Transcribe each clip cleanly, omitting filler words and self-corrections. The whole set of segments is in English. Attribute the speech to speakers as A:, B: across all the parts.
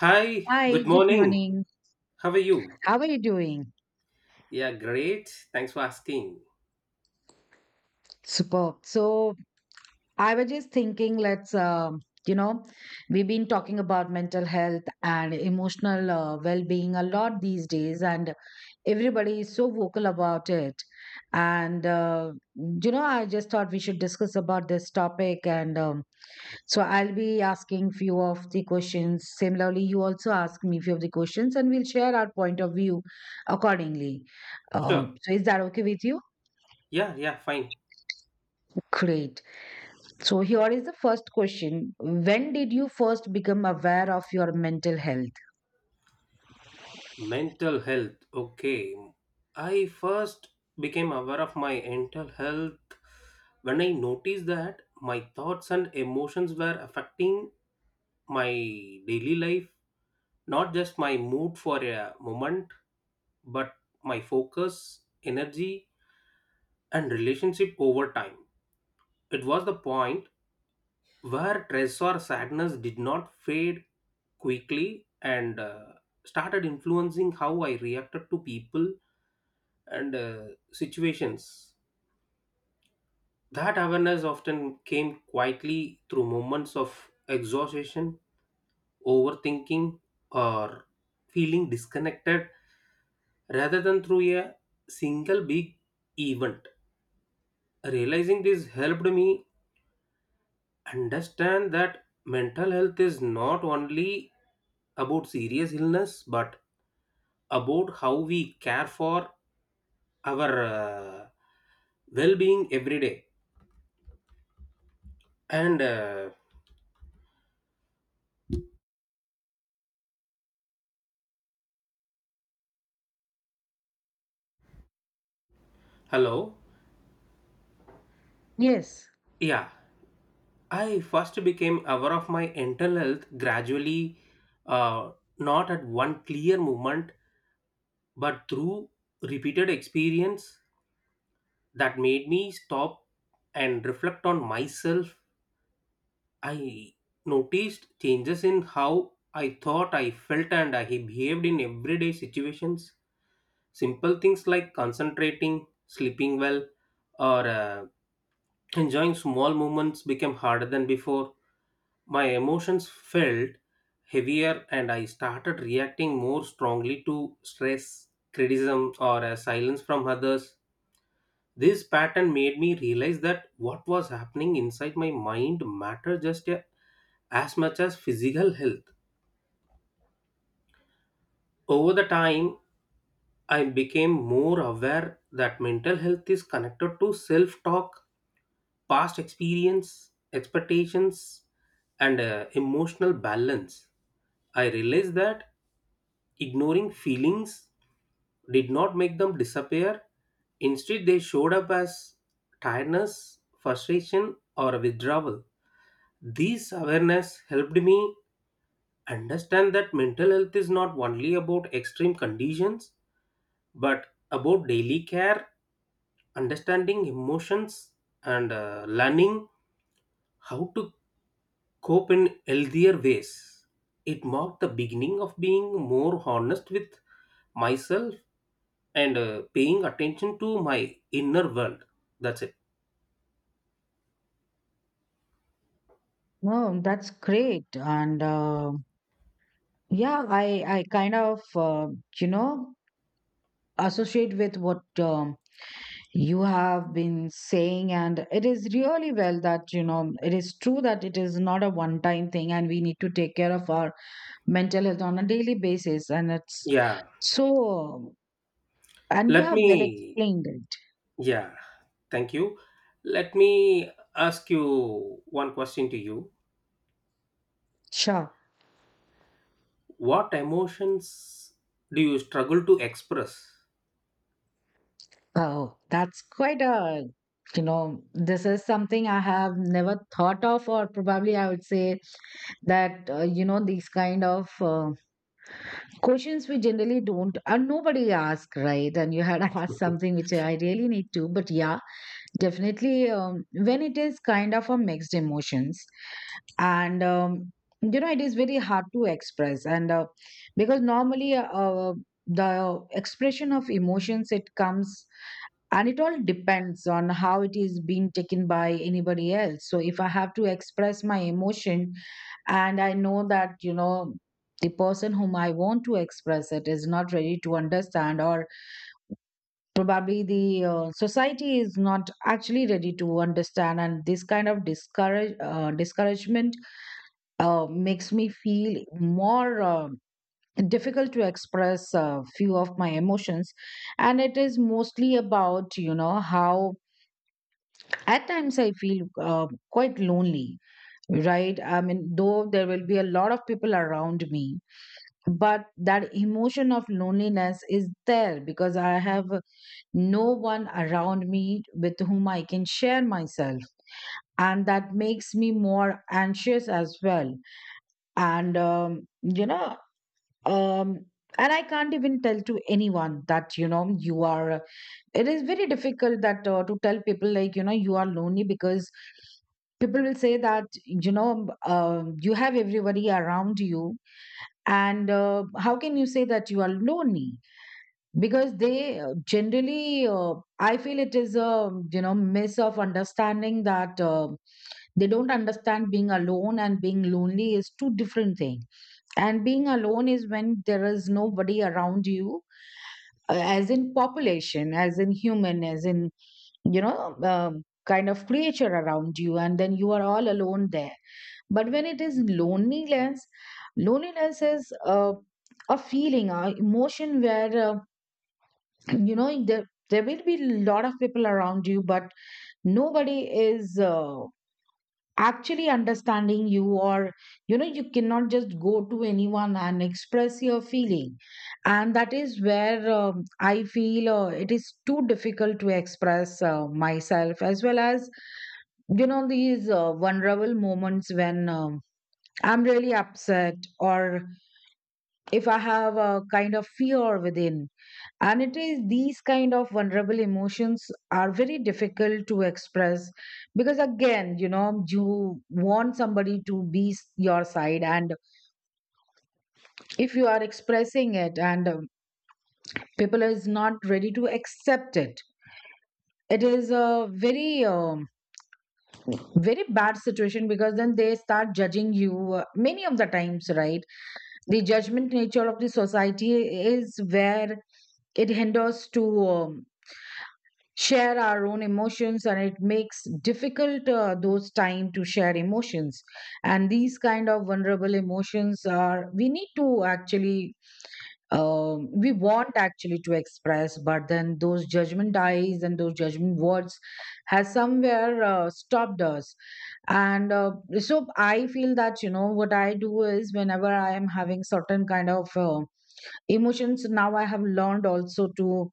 A: Hi,
B: Hi,
A: good
B: good
A: morning.
B: morning.
A: How are you?
B: How are you doing?
A: Yeah, great. Thanks for asking.
B: Superb. So I was just thinking, we've been talking about mental health and emotional well-being a lot these days, and everybody is so vocal about it. I just thought we should discuss about this topic, and so I'll be asking few of the questions. Similarly, you also ask me few of the questions, and we'll share our point of view accordingly. Uh,
A: Sure.
B: so is that okay with you?
A: Yeah, yeah, fine.
B: Great. So here is the first question. When did you first become aware of your mental health?
A: Mental health. Okay. I first became aware of my mental health when I noticed that my thoughts and emotions were affecting my daily life, not just my mood for a moment, but my focus, energy, and relationship over time. It was the point where stress or sadness did not fade quickly and started influencing how I reacted to people and situations. That awareness often came quietly through moments of exhaustion, overthinking, or feeling disconnected rather than through a single big event. Realizing this helped me understand that mental health is not only about serious illness but about how we care for our well-being every day and hello.
B: Yes.
A: Yeah, I first became aware of my mental health gradually, uh, not at one clear moment but through repeated experience that made me stop and reflect on myself. I noticed changes in how I thought, I felt, and I behaved in everyday situations. Simple things like concentrating, sleeping well, or enjoying small moments became harder than before. My emotions felt heavier, and I started reacting more strongly to stress, criticism, or silence from others. This pattern made me realize that what was happening inside my mind mattered just as much as physical health. Over the time, I became more aware that mental health is connected to self talk, past experience, expectations, and emotional balance. I realized that ignoring feelings did not make them disappear. Instead, they showed up as tiredness, frustration, or withdrawal. This awareness helped me understand that mental health is not only about extreme conditions but about daily care, understanding emotions, and learning how to cope in healthier ways. It marked the beginning of being more honest with myself and paying attention to my inner world. That's it.
B: Oh, that's great. And Yeah, I kind of you know associate with what you have been saying, and it is really well that you know it is true that it is not a one-time thing, and we need to take care of our mental health on a daily basis, and it's
A: Yeah.
B: so. And you
A: let
B: have well
A: me
B: explained it.
A: Yeah, thank you. Let me ask you one question to you.
B: Sure.
A: What emotions do you struggle to express?
B: Oh, that's quite a, you know, this is something I have never thought of, or probably I would say that these kind of questions we generally don't, and nobody ask, right? And you had asked something which I really need to, but yeah, definitely when it is kind of a mixed emotions, and you know it is very hard to express and because normally the expression of emotions it comes and it all depends on how it is being taken by anybody else, so if I have to express my emotion and I know that, you know, the person whom I want to express it is not ready to understand, or probably the society is not actually ready to understand, and this kind of discouragement makes me feel more difficult to express a few of my emotions. And it is mostly about, you know, how, at times, I feel quite lonely, right? I mean, though there will be a lot of people around me, but that emotion of loneliness is there because I have no one around me with whom I can share myself. And that makes me more anxious as well. And, um, and I can't even tell to anyone that, you know, you are, it is very difficult that to tell people, like, you know, you are lonely, because people will say that you know you have everybody around you and how can you say that you are lonely, because they generally I feel it is a, you know, miss of understanding that they don't understand being alone and being lonely is two different things. And being alone is when there is nobody around you, as in population, as in human, as in, you know, kind of creature around you, and then you are all alone there. But when it is loneliness, loneliness is a feeling, a emotion where, you know, there will be a lot of people around you, but nobody is. Actually understanding you. Or, you know, you cannot just go to anyone and express your feeling, and that is where I feel it is too difficult to express myself, as well as, you know, these vulnerable moments when I'm really upset, or if I have a kind of fear within. And it is these kind of vulnerable emotions are very difficult to express because, again, you know, you want somebody to be your side. And if you are expressing it and people is not ready to accept it, it is a very bad situation, because then they start judging you many of the times, right? The judgment nature of the society is where it hinders to. Share our own emotions, and it makes difficult those time to share emotions. And these kind of vulnerable emotions are, we need to actually, we want actually to express, but then those judgment eyes and those judgment words has somewhere stopped us. And So I feel that, you know, what I do is, whenever I am having certain kind of emotions, now I have learned also to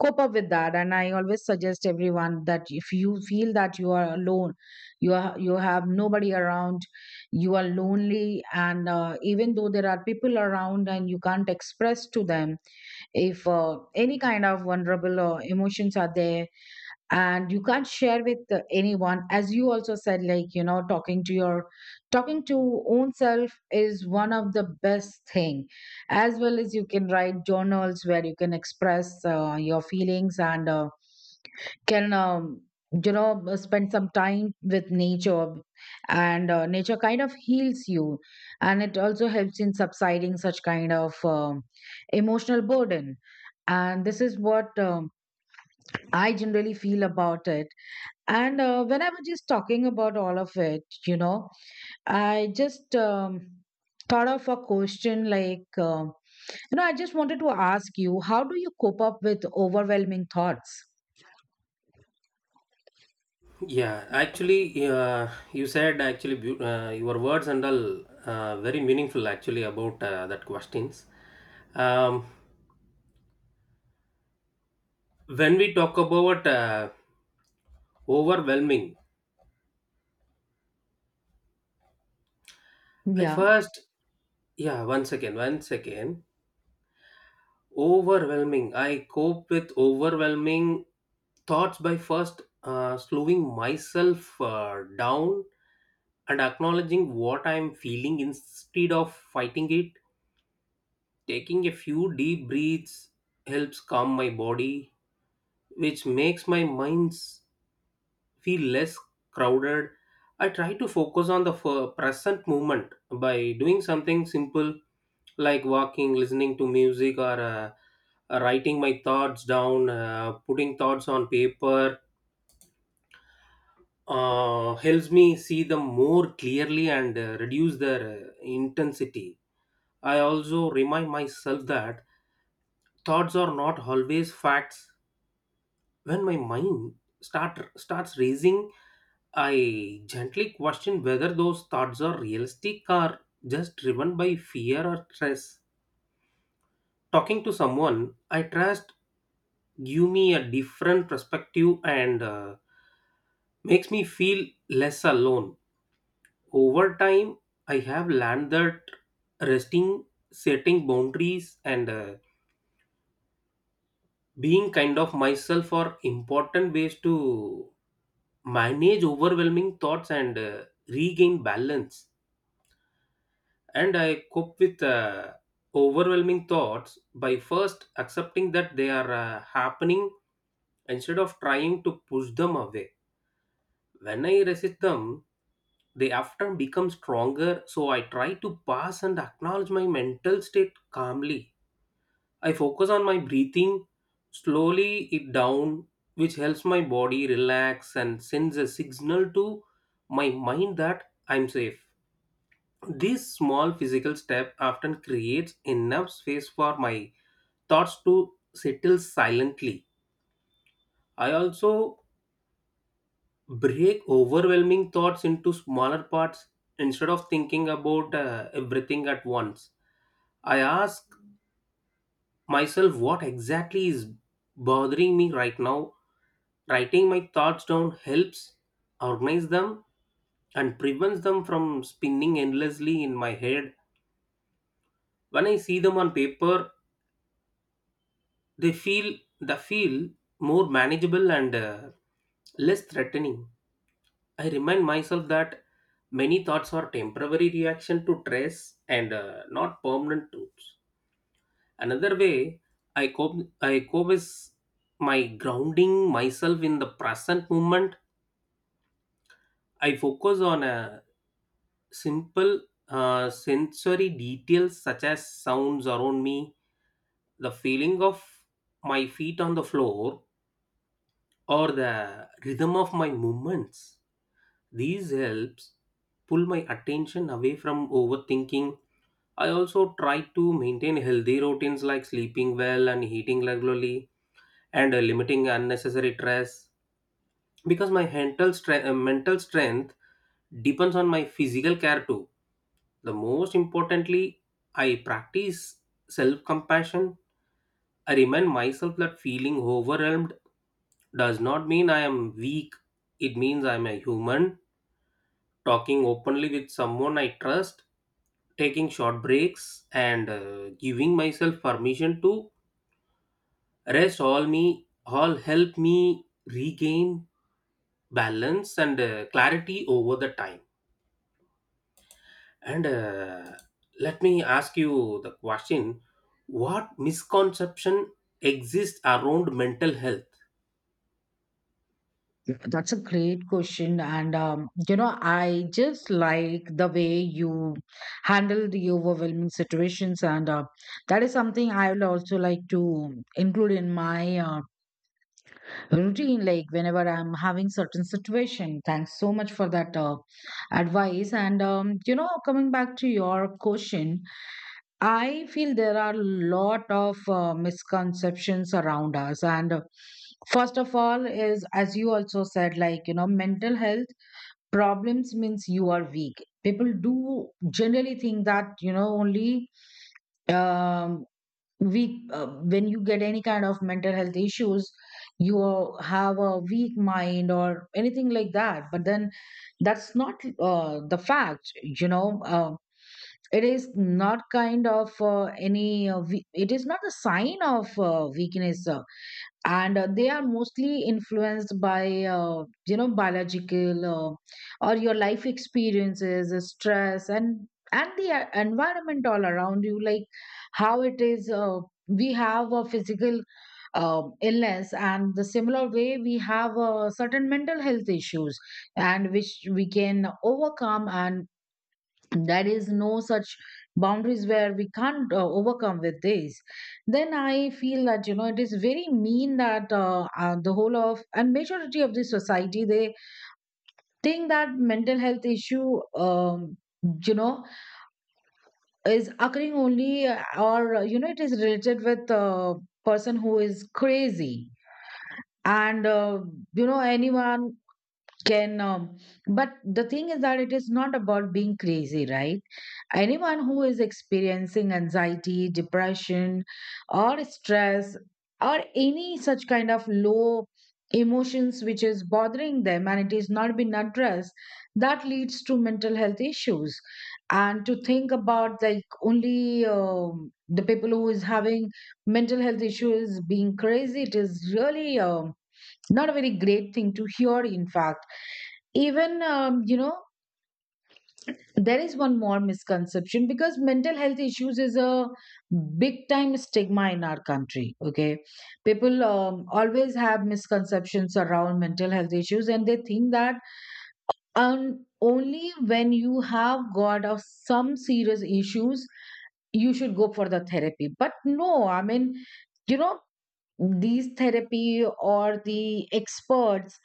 B: cope up with that. And I always suggest everyone that if you feel that you are alone, you are, you have nobody around, you are lonely, and even though there are people around and you can't express to them, if any kind of vulnerable emotions are there and you can't share with anyone, as you also said, like, you know, talking to own self is one of the best thing, as well as you can write journals where you can express your feelings, and can, you know, spend some time with nature. And Nature kind of heals you, and it also helps in subsiding such kind of emotional burden. And this is what I generally feel about it. And When I was just talking about all of it, you know, I just thought of a question, like, you know, I just wanted to ask you, how do you cope up with overwhelming thoughts?
A: Yeah, actually, you said actually your words and all very meaningful actually about that questions. Um, when we talk about overwhelming, I
B: Yeah,
A: first yeah, one second, one second. Overwhelming. I cope with overwhelming thoughts by first slowing myself down and acknowledging what I'm feeling instead of fighting it. Taking a few deep breaths helps calm my body which makes my minds feel less crowded. I try to focus on the present moment by doing something simple like walking, listening to music, or writing my thoughts down, putting thoughts on paper. Helps me see them more clearly and reduce their intensity. I also remind myself that thoughts are not always facts. When my mind start starts racing, I gently question whether those thoughts are realistic or just driven by fear or stress. Talking to someone I trust give me a different perspective and makes me feel less alone. Over time, I have learned that resting, setting boundaries, and being kind of myself are important ways to manage overwhelming thoughts and regain balance. And I cope with overwhelming thoughts by first accepting that they are happening instead of trying to push them away. When I resist them, they often become stronger, so I try to pass and acknowledge my mental state calmly. I focus on my breathing, slowly it down, which helps my body relax and sends a signal to my mind that I'm safe. This small physical step often creates enough space for my thoughts to settle silently. I also break overwhelming thoughts into smaller parts instead of thinking about everything at once. I ask myself what exactly is bothering me right now. Writing my thoughts down helps organize them and prevents them from spinning endlessly in my head. When I see them on paper, they feel more manageable and less threatening. I remind myself that many thoughts are temporary reaction to stress and not permanent truths. Another way I cope I cope is my grounding myself in the present moment. I focus on a simple sensory details such as sounds around me, the feeling of my feet on the floor, or the rhythm of my movements. These helps pull my attention away from overthinking. I also try to maintain healthy routines like sleeping well and eating regularly and limiting unnecessary stress because my mental strength depends on my physical care too. The most importantly, I practice self compassion. I remind myself that feeling overwhelmed does not mean I am weak. It means I am a human. Talking openly with someone I trust, taking short breaks, and giving myself permission to rest all help me regain balance and clarity over the time. And Let me ask you the question. What misconception exists around mental health?
B: that's a great question. I just like the way you handle the overwhelming situations. And That is something I would also like to include in my routine, like whenever I'm having certain situation. Thanks so much for that advice. And you know coming back to your question, I feel there are a lot of misconceptions around us, and first of all is, as you also said, like, you know, mental health problems means you are weak. People do generally think that you know only um, weak, when you get any kind of mental health issues, you have a weak mind or anything like that. But then that's not the fact. You know, it is not kind of it is not a sign of weakness. And They are mostly influenced by, you know, biological, or your life experiences, stress, and the environment all around you, like how it is. We have a physical illness, and the similar way we have certain mental health issues, and which we can overcome. And there is no such boundaries where we can't overcome with this. Then I feel that, you know, it is very mean that the whole of and majority of the society, they think that mental health issue, you know, is occurring only or you know, it is related with a person who is crazy, and you know, anyone can, but the thing is that it is not about being crazy, right? Anyone who is experiencing anxiety, depression, or stress, or any such kind of low emotions which is bothering them, and it is not been addressed, that leads to mental health issues. And to think about, like, only the people who is having mental health issues being crazy, it is really not a very great thing to hear. In fact, even, you know, there is one more misconception, because mental health issues is a big time stigma in our country, okay? People always have misconceptions around mental health issues, and they think that only when you have got of some serious issues you should go for the therapy. But no, I mean, you know, these therapy or the experts,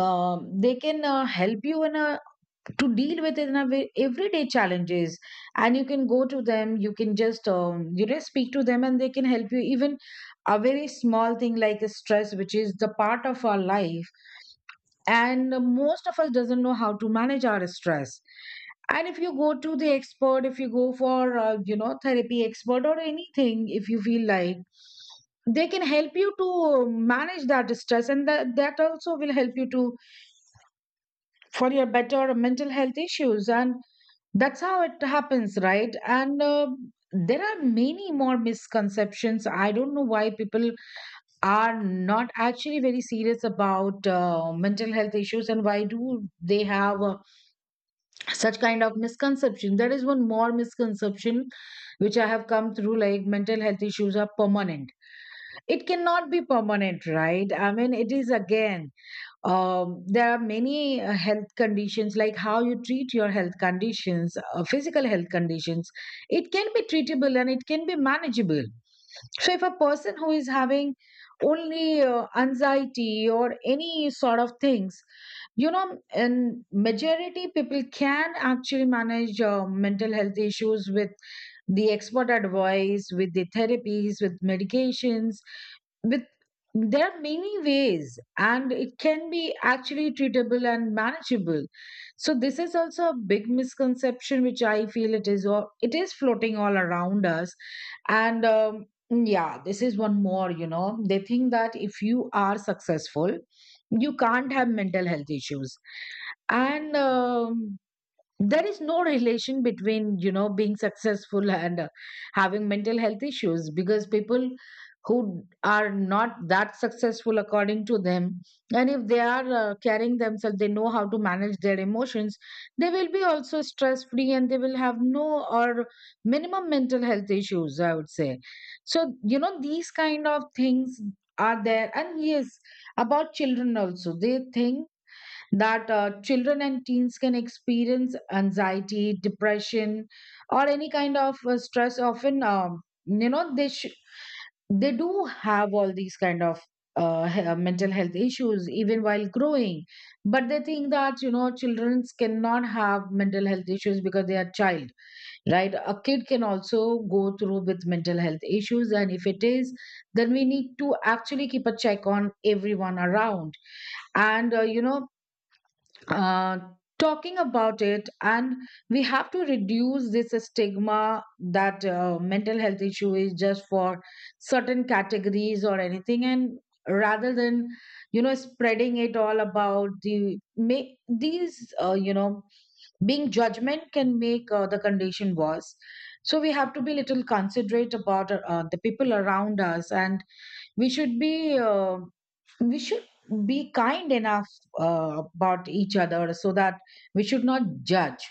B: they can help you in a, to deal with, in a way, everyday challenges. And you can go to them, you can just, you know, speak to them, and they can help you. Even a very small thing like stress, which is the part of our life, and most of us doesn't know how to manage our stress. And if you go to the expert, if you go for you know, therapy expert or anything, if you feel like, they can help you to manage that stress, and that also will help you to, for your better mental health issues. And that's how it happens, right? And There are many more misconceptions. I don't know why people are not actually very serious about mental health issues, and why do they have such kind of misconception. There is one more misconception which I have come through, like mental health issues are permanent. It cannot be permanent, right? I mean, it is again there are many health conditions. Like how you treat your health conditions, physical health conditions, it can be treatable and it can be manageable. So if a person who is having only anxiety or any sort of things, you know, and majority people can actually manage mental health issues with the expert advice, with the therapies, with medications, with, there are many ways, and it can be actually treatable and manageable. So this is also a big misconception which I feel it is floating all around us. And yeah, this is one more, you know, they think that if you are successful, you can't have mental health issues. And there is no relation between, you know, being successful and having mental health issues, because people who are not that successful according to them, and if they are carrying themselves, they know how to manage their emotions, they will be also stress free and they will have no or minimum mental health issues, I would say. So you know, these kind of things are there. And yes, about children also they think that children and teens can experience anxiety, depression or any kind of stress often. You know, they do have all these kind of mental health issues even while growing, but they think that, you know, children cannot have mental health issues because they are child, right? A kid can also go through with mental health issues, and if it is, then we need to actually keep a check on everyone around and you know, uh, talking about it. And we have to reduce this stigma that mental health issue is just for certain categories or anything. And rather than, you know, spreading it all about, the make these you know, being judgment can make the condition worse. So we have to be little considerate about the people around us, and we should be uh, we should be kind enough about each other so that we should not judge.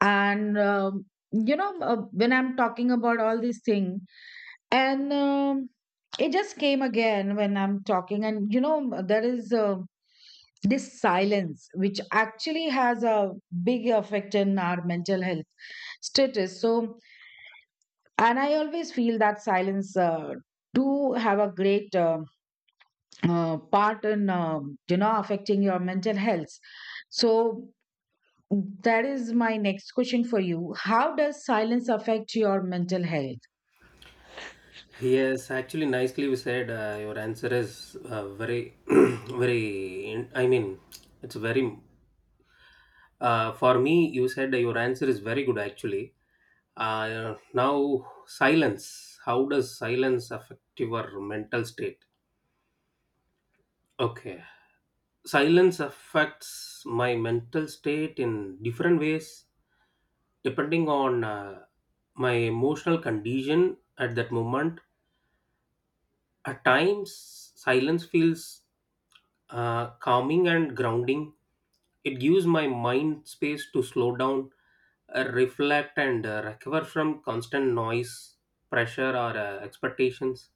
B: And you know, when I'm talking about all these things, and it just came again when I'm talking. And you know, there is this silence which actually has a big effect in our mental health status. So, and I always feel that silence do have a great part in, you know, affecting your mental health. So that is my next question for you: how does silence affect your mental health?
A: Yes, actually nicely we said, your answer is very very I mean it's very for me, you said your answer is very good actually. Now silence, how does silence affect your mental state? Okay. Silence affects my mental state in different ways depending on my emotional condition at that moment. At times silence feels calming and grounding. It gives my mind space to slow down, reflect, and recover from constant noise, pressure, or expectations.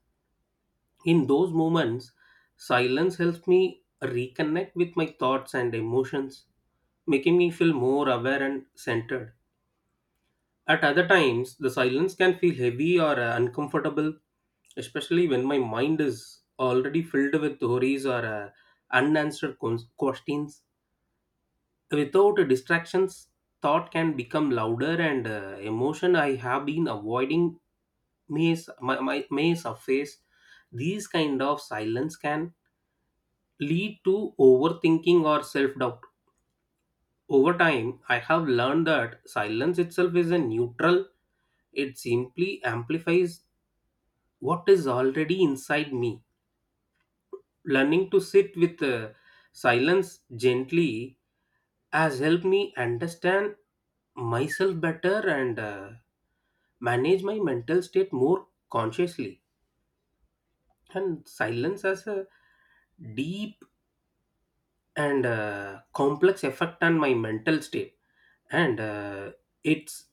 A: In those moments, silence helps me reconnect with my thoughts and emotions, making me feel more aware and centered. At other times, the silence can feel heavy or uncomfortable, especially when my mind is already filled with worries or unanswered questions. Without distractions, thought can become louder, and emotion I have been avoiding may, s- my, may surface. These kind of silence can lead to overthinking or self doubt. Over time, I have learned that silence itself isn't neutral, it simply amplifies what is already inside me. Learning to sit with silence gently has helped me understand myself better and manage my mental state more consciously. And silence has a deep and complex effect on my mental state, and it's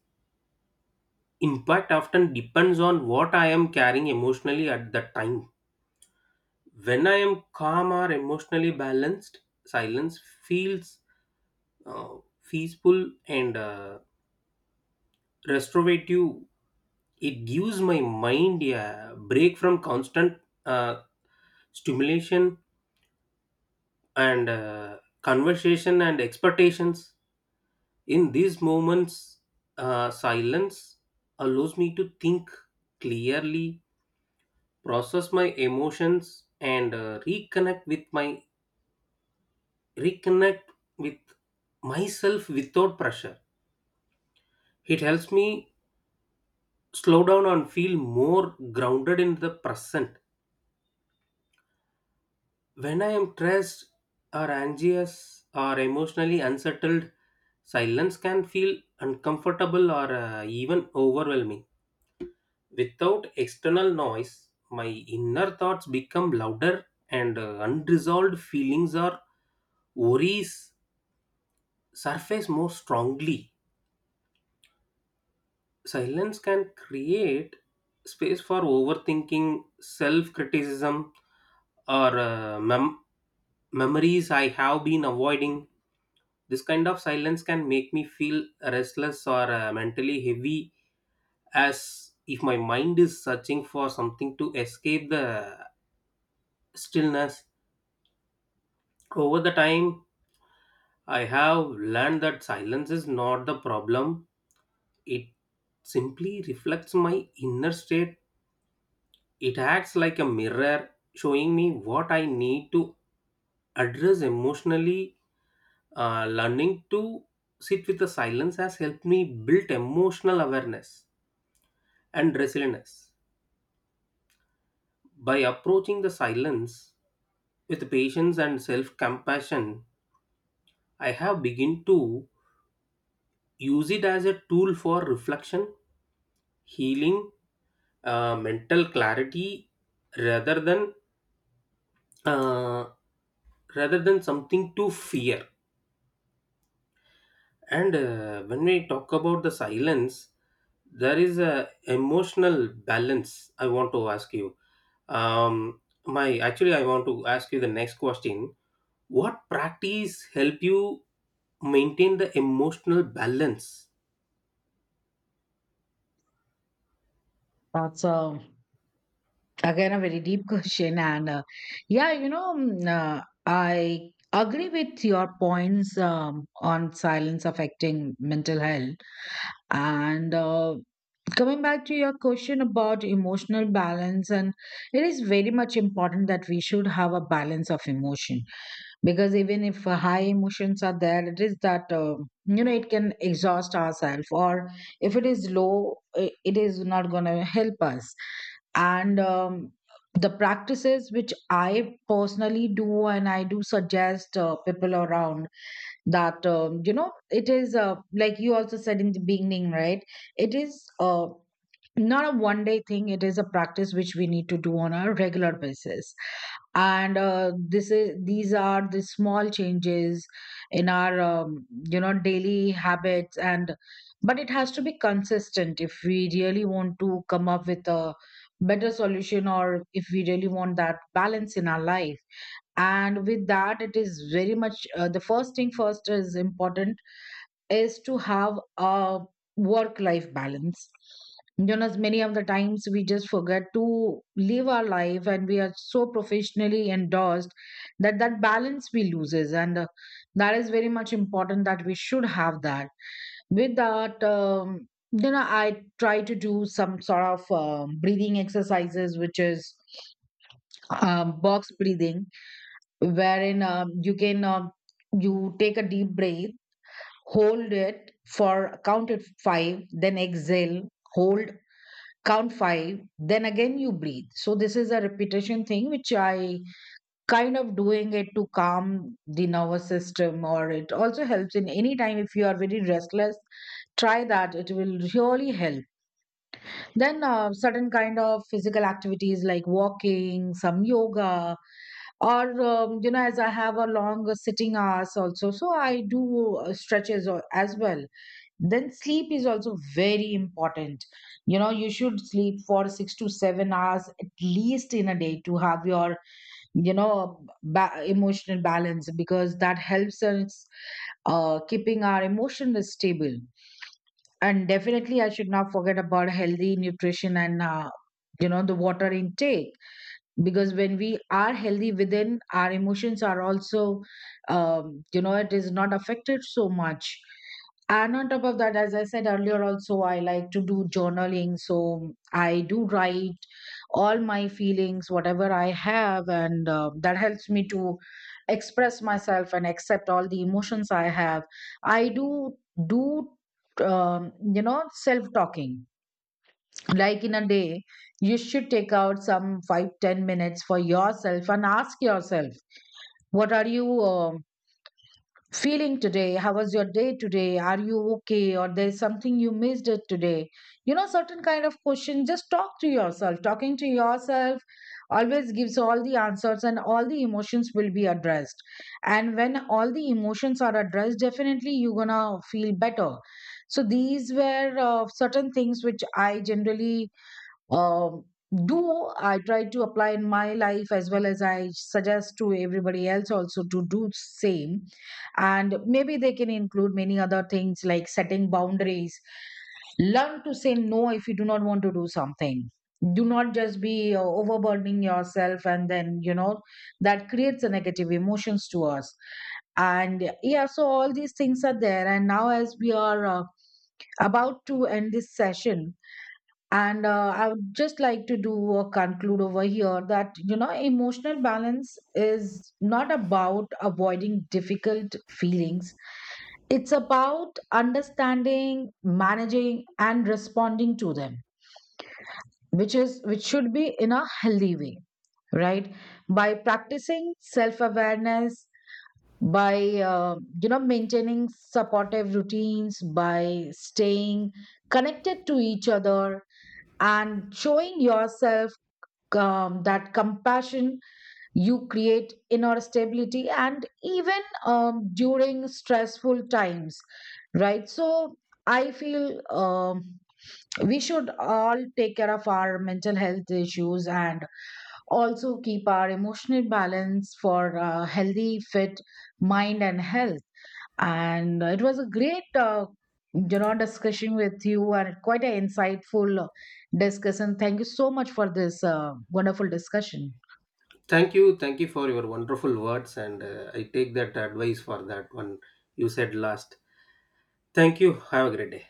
A: impact often depends on what I am carrying emotionally at that time. When I am calm or emotionally balanced, silence feels uh, peaceful and restorative. It gives my mind a break from constant uh, stimulation and conversation and expectations. In these moments, silence allows me to think clearly, process my emotions, and reconnect with myself without pressure. It helps me slow down and feel more grounded in the present. When I am stressed or anxious or emotionally unsettled, silence can feel uncomfortable or even overwhelming. Without external noise, my inner thoughts become louder, and unresolved feelings or worries surface more strongly. Silence can create space for overthinking, self criticism, or memories I have been avoiding. This kind of silence can make me feel restless or mentally heavy, as if my mind is searching for something to escape the stillness. Over the time, I have learned that silence is not the problem, it simply reflects my inner state. It acts like a mirror, showing me what I need to address emotionally. Learning to sit with the silence has helped me build emotional awareness and resilience. By approaching the silence with patience and self compassion, I have begun to use it as a tool for reflection, healing, mental clarity rather than uh, rather than something to fear. And When we talk about the silence, there is a emotional balance. I want to ask you. I want to ask you the next question. What practice help you maintain the emotional balance?
B: That's again a very deep question. And yeah, you know, I agree with your points on silence affecting mental health. And coming back to your question about emotional balance, and it is very much important that we should have a balance of emotion, because even if high emotions are there, it is that, you know, it can exhaust ourselves, or if it is low, it is not going to help us. And the practices which I personally do and I do suggest people around, that you know, it is, like you also said in the beginning, right, it is not a one day thing, it is a practice which we need to do on a regular basis. And this is these are the small changes in our, you know, daily habits. And but it has to be consistent if we really want to come up with a better solution, or if we really want that balance in our life. And with that, it is very much the first thing first is important, is to have a work life balance. You know, as many of the times we just forget to live our life, and we are so professionally endorsed that balance we loses. And that is very much important that we should have that. With that, you know, I try to do some sort of breathing exercises, which is box breathing, wherein you can you take a deep breath, hold it for, count it five, then exhale, hold, count five, then again you breathe. So this is a repetition thing which I kind of doing it to calm the nervous system, or it also helps in any time if you are very restless, try that, it will really help. Then certain kind of physical activities like walking, some yoga, or you know, as I have a long sitting hours also, so I do stretches as well. Then sleep is also very important. You know, you should sleep for 6 to 7 hours at least in a day to have your, you know, emotional balance, because that helps us keeping our emotion stable. And definitely, I should not forget about healthy nutrition and, you know, the water intake, because when we are healthy within, our emotions are also, you know, it is not affected so much. And on top of that, as I said earlier also, I like to do journaling, so I do write all my feelings whatever I have, and that helps me to express myself and accept all the emotions I have. I do you know, self talking, like in a day you should take out some 5, 10 minutes for yourself and ask yourself, what are you feeling today, how was your day today, are you okay, or there is something you missed it today, you know, certain kind of question, just talk to yourself. Talking to yourself always gives all the answers, and all the emotions will be addressed. And when all the emotions are addressed, definitely you're gonna feel better. So these were certain things which I generally um, do, I try to apply in my life, as well as I suggest to everybody else also to do same. And maybe they can include many other things like setting boundaries, learn to say no if you do not want to do something, do not just be overburdening yourself, and then you know that creates a negative emotions to us. And yeah, so all these things are there. And now, as we are about to end this session, and I would just like to do a conclude over here that, you know, emotional balance is not about avoiding difficult feelings. It's about understanding, managing, and responding to them, which should be in a healthy way, right? By practicing self awareness, by, uh, you know, maintaining supportive routines, by staying connected to each other, and showing yourself that compassion, you create inner stability and even during stressful times, right? So I feel we should all take care of our mental health issues, and also keep our emotional balance for a healthy fit mind and health. And it was a great you know, discussion with you, and quite an insightful discussion. Thank you so much for this wonderful discussion.
A: Thank you for your wonderful words, and I take that advice for that one you said last. Thank you. Have a great day.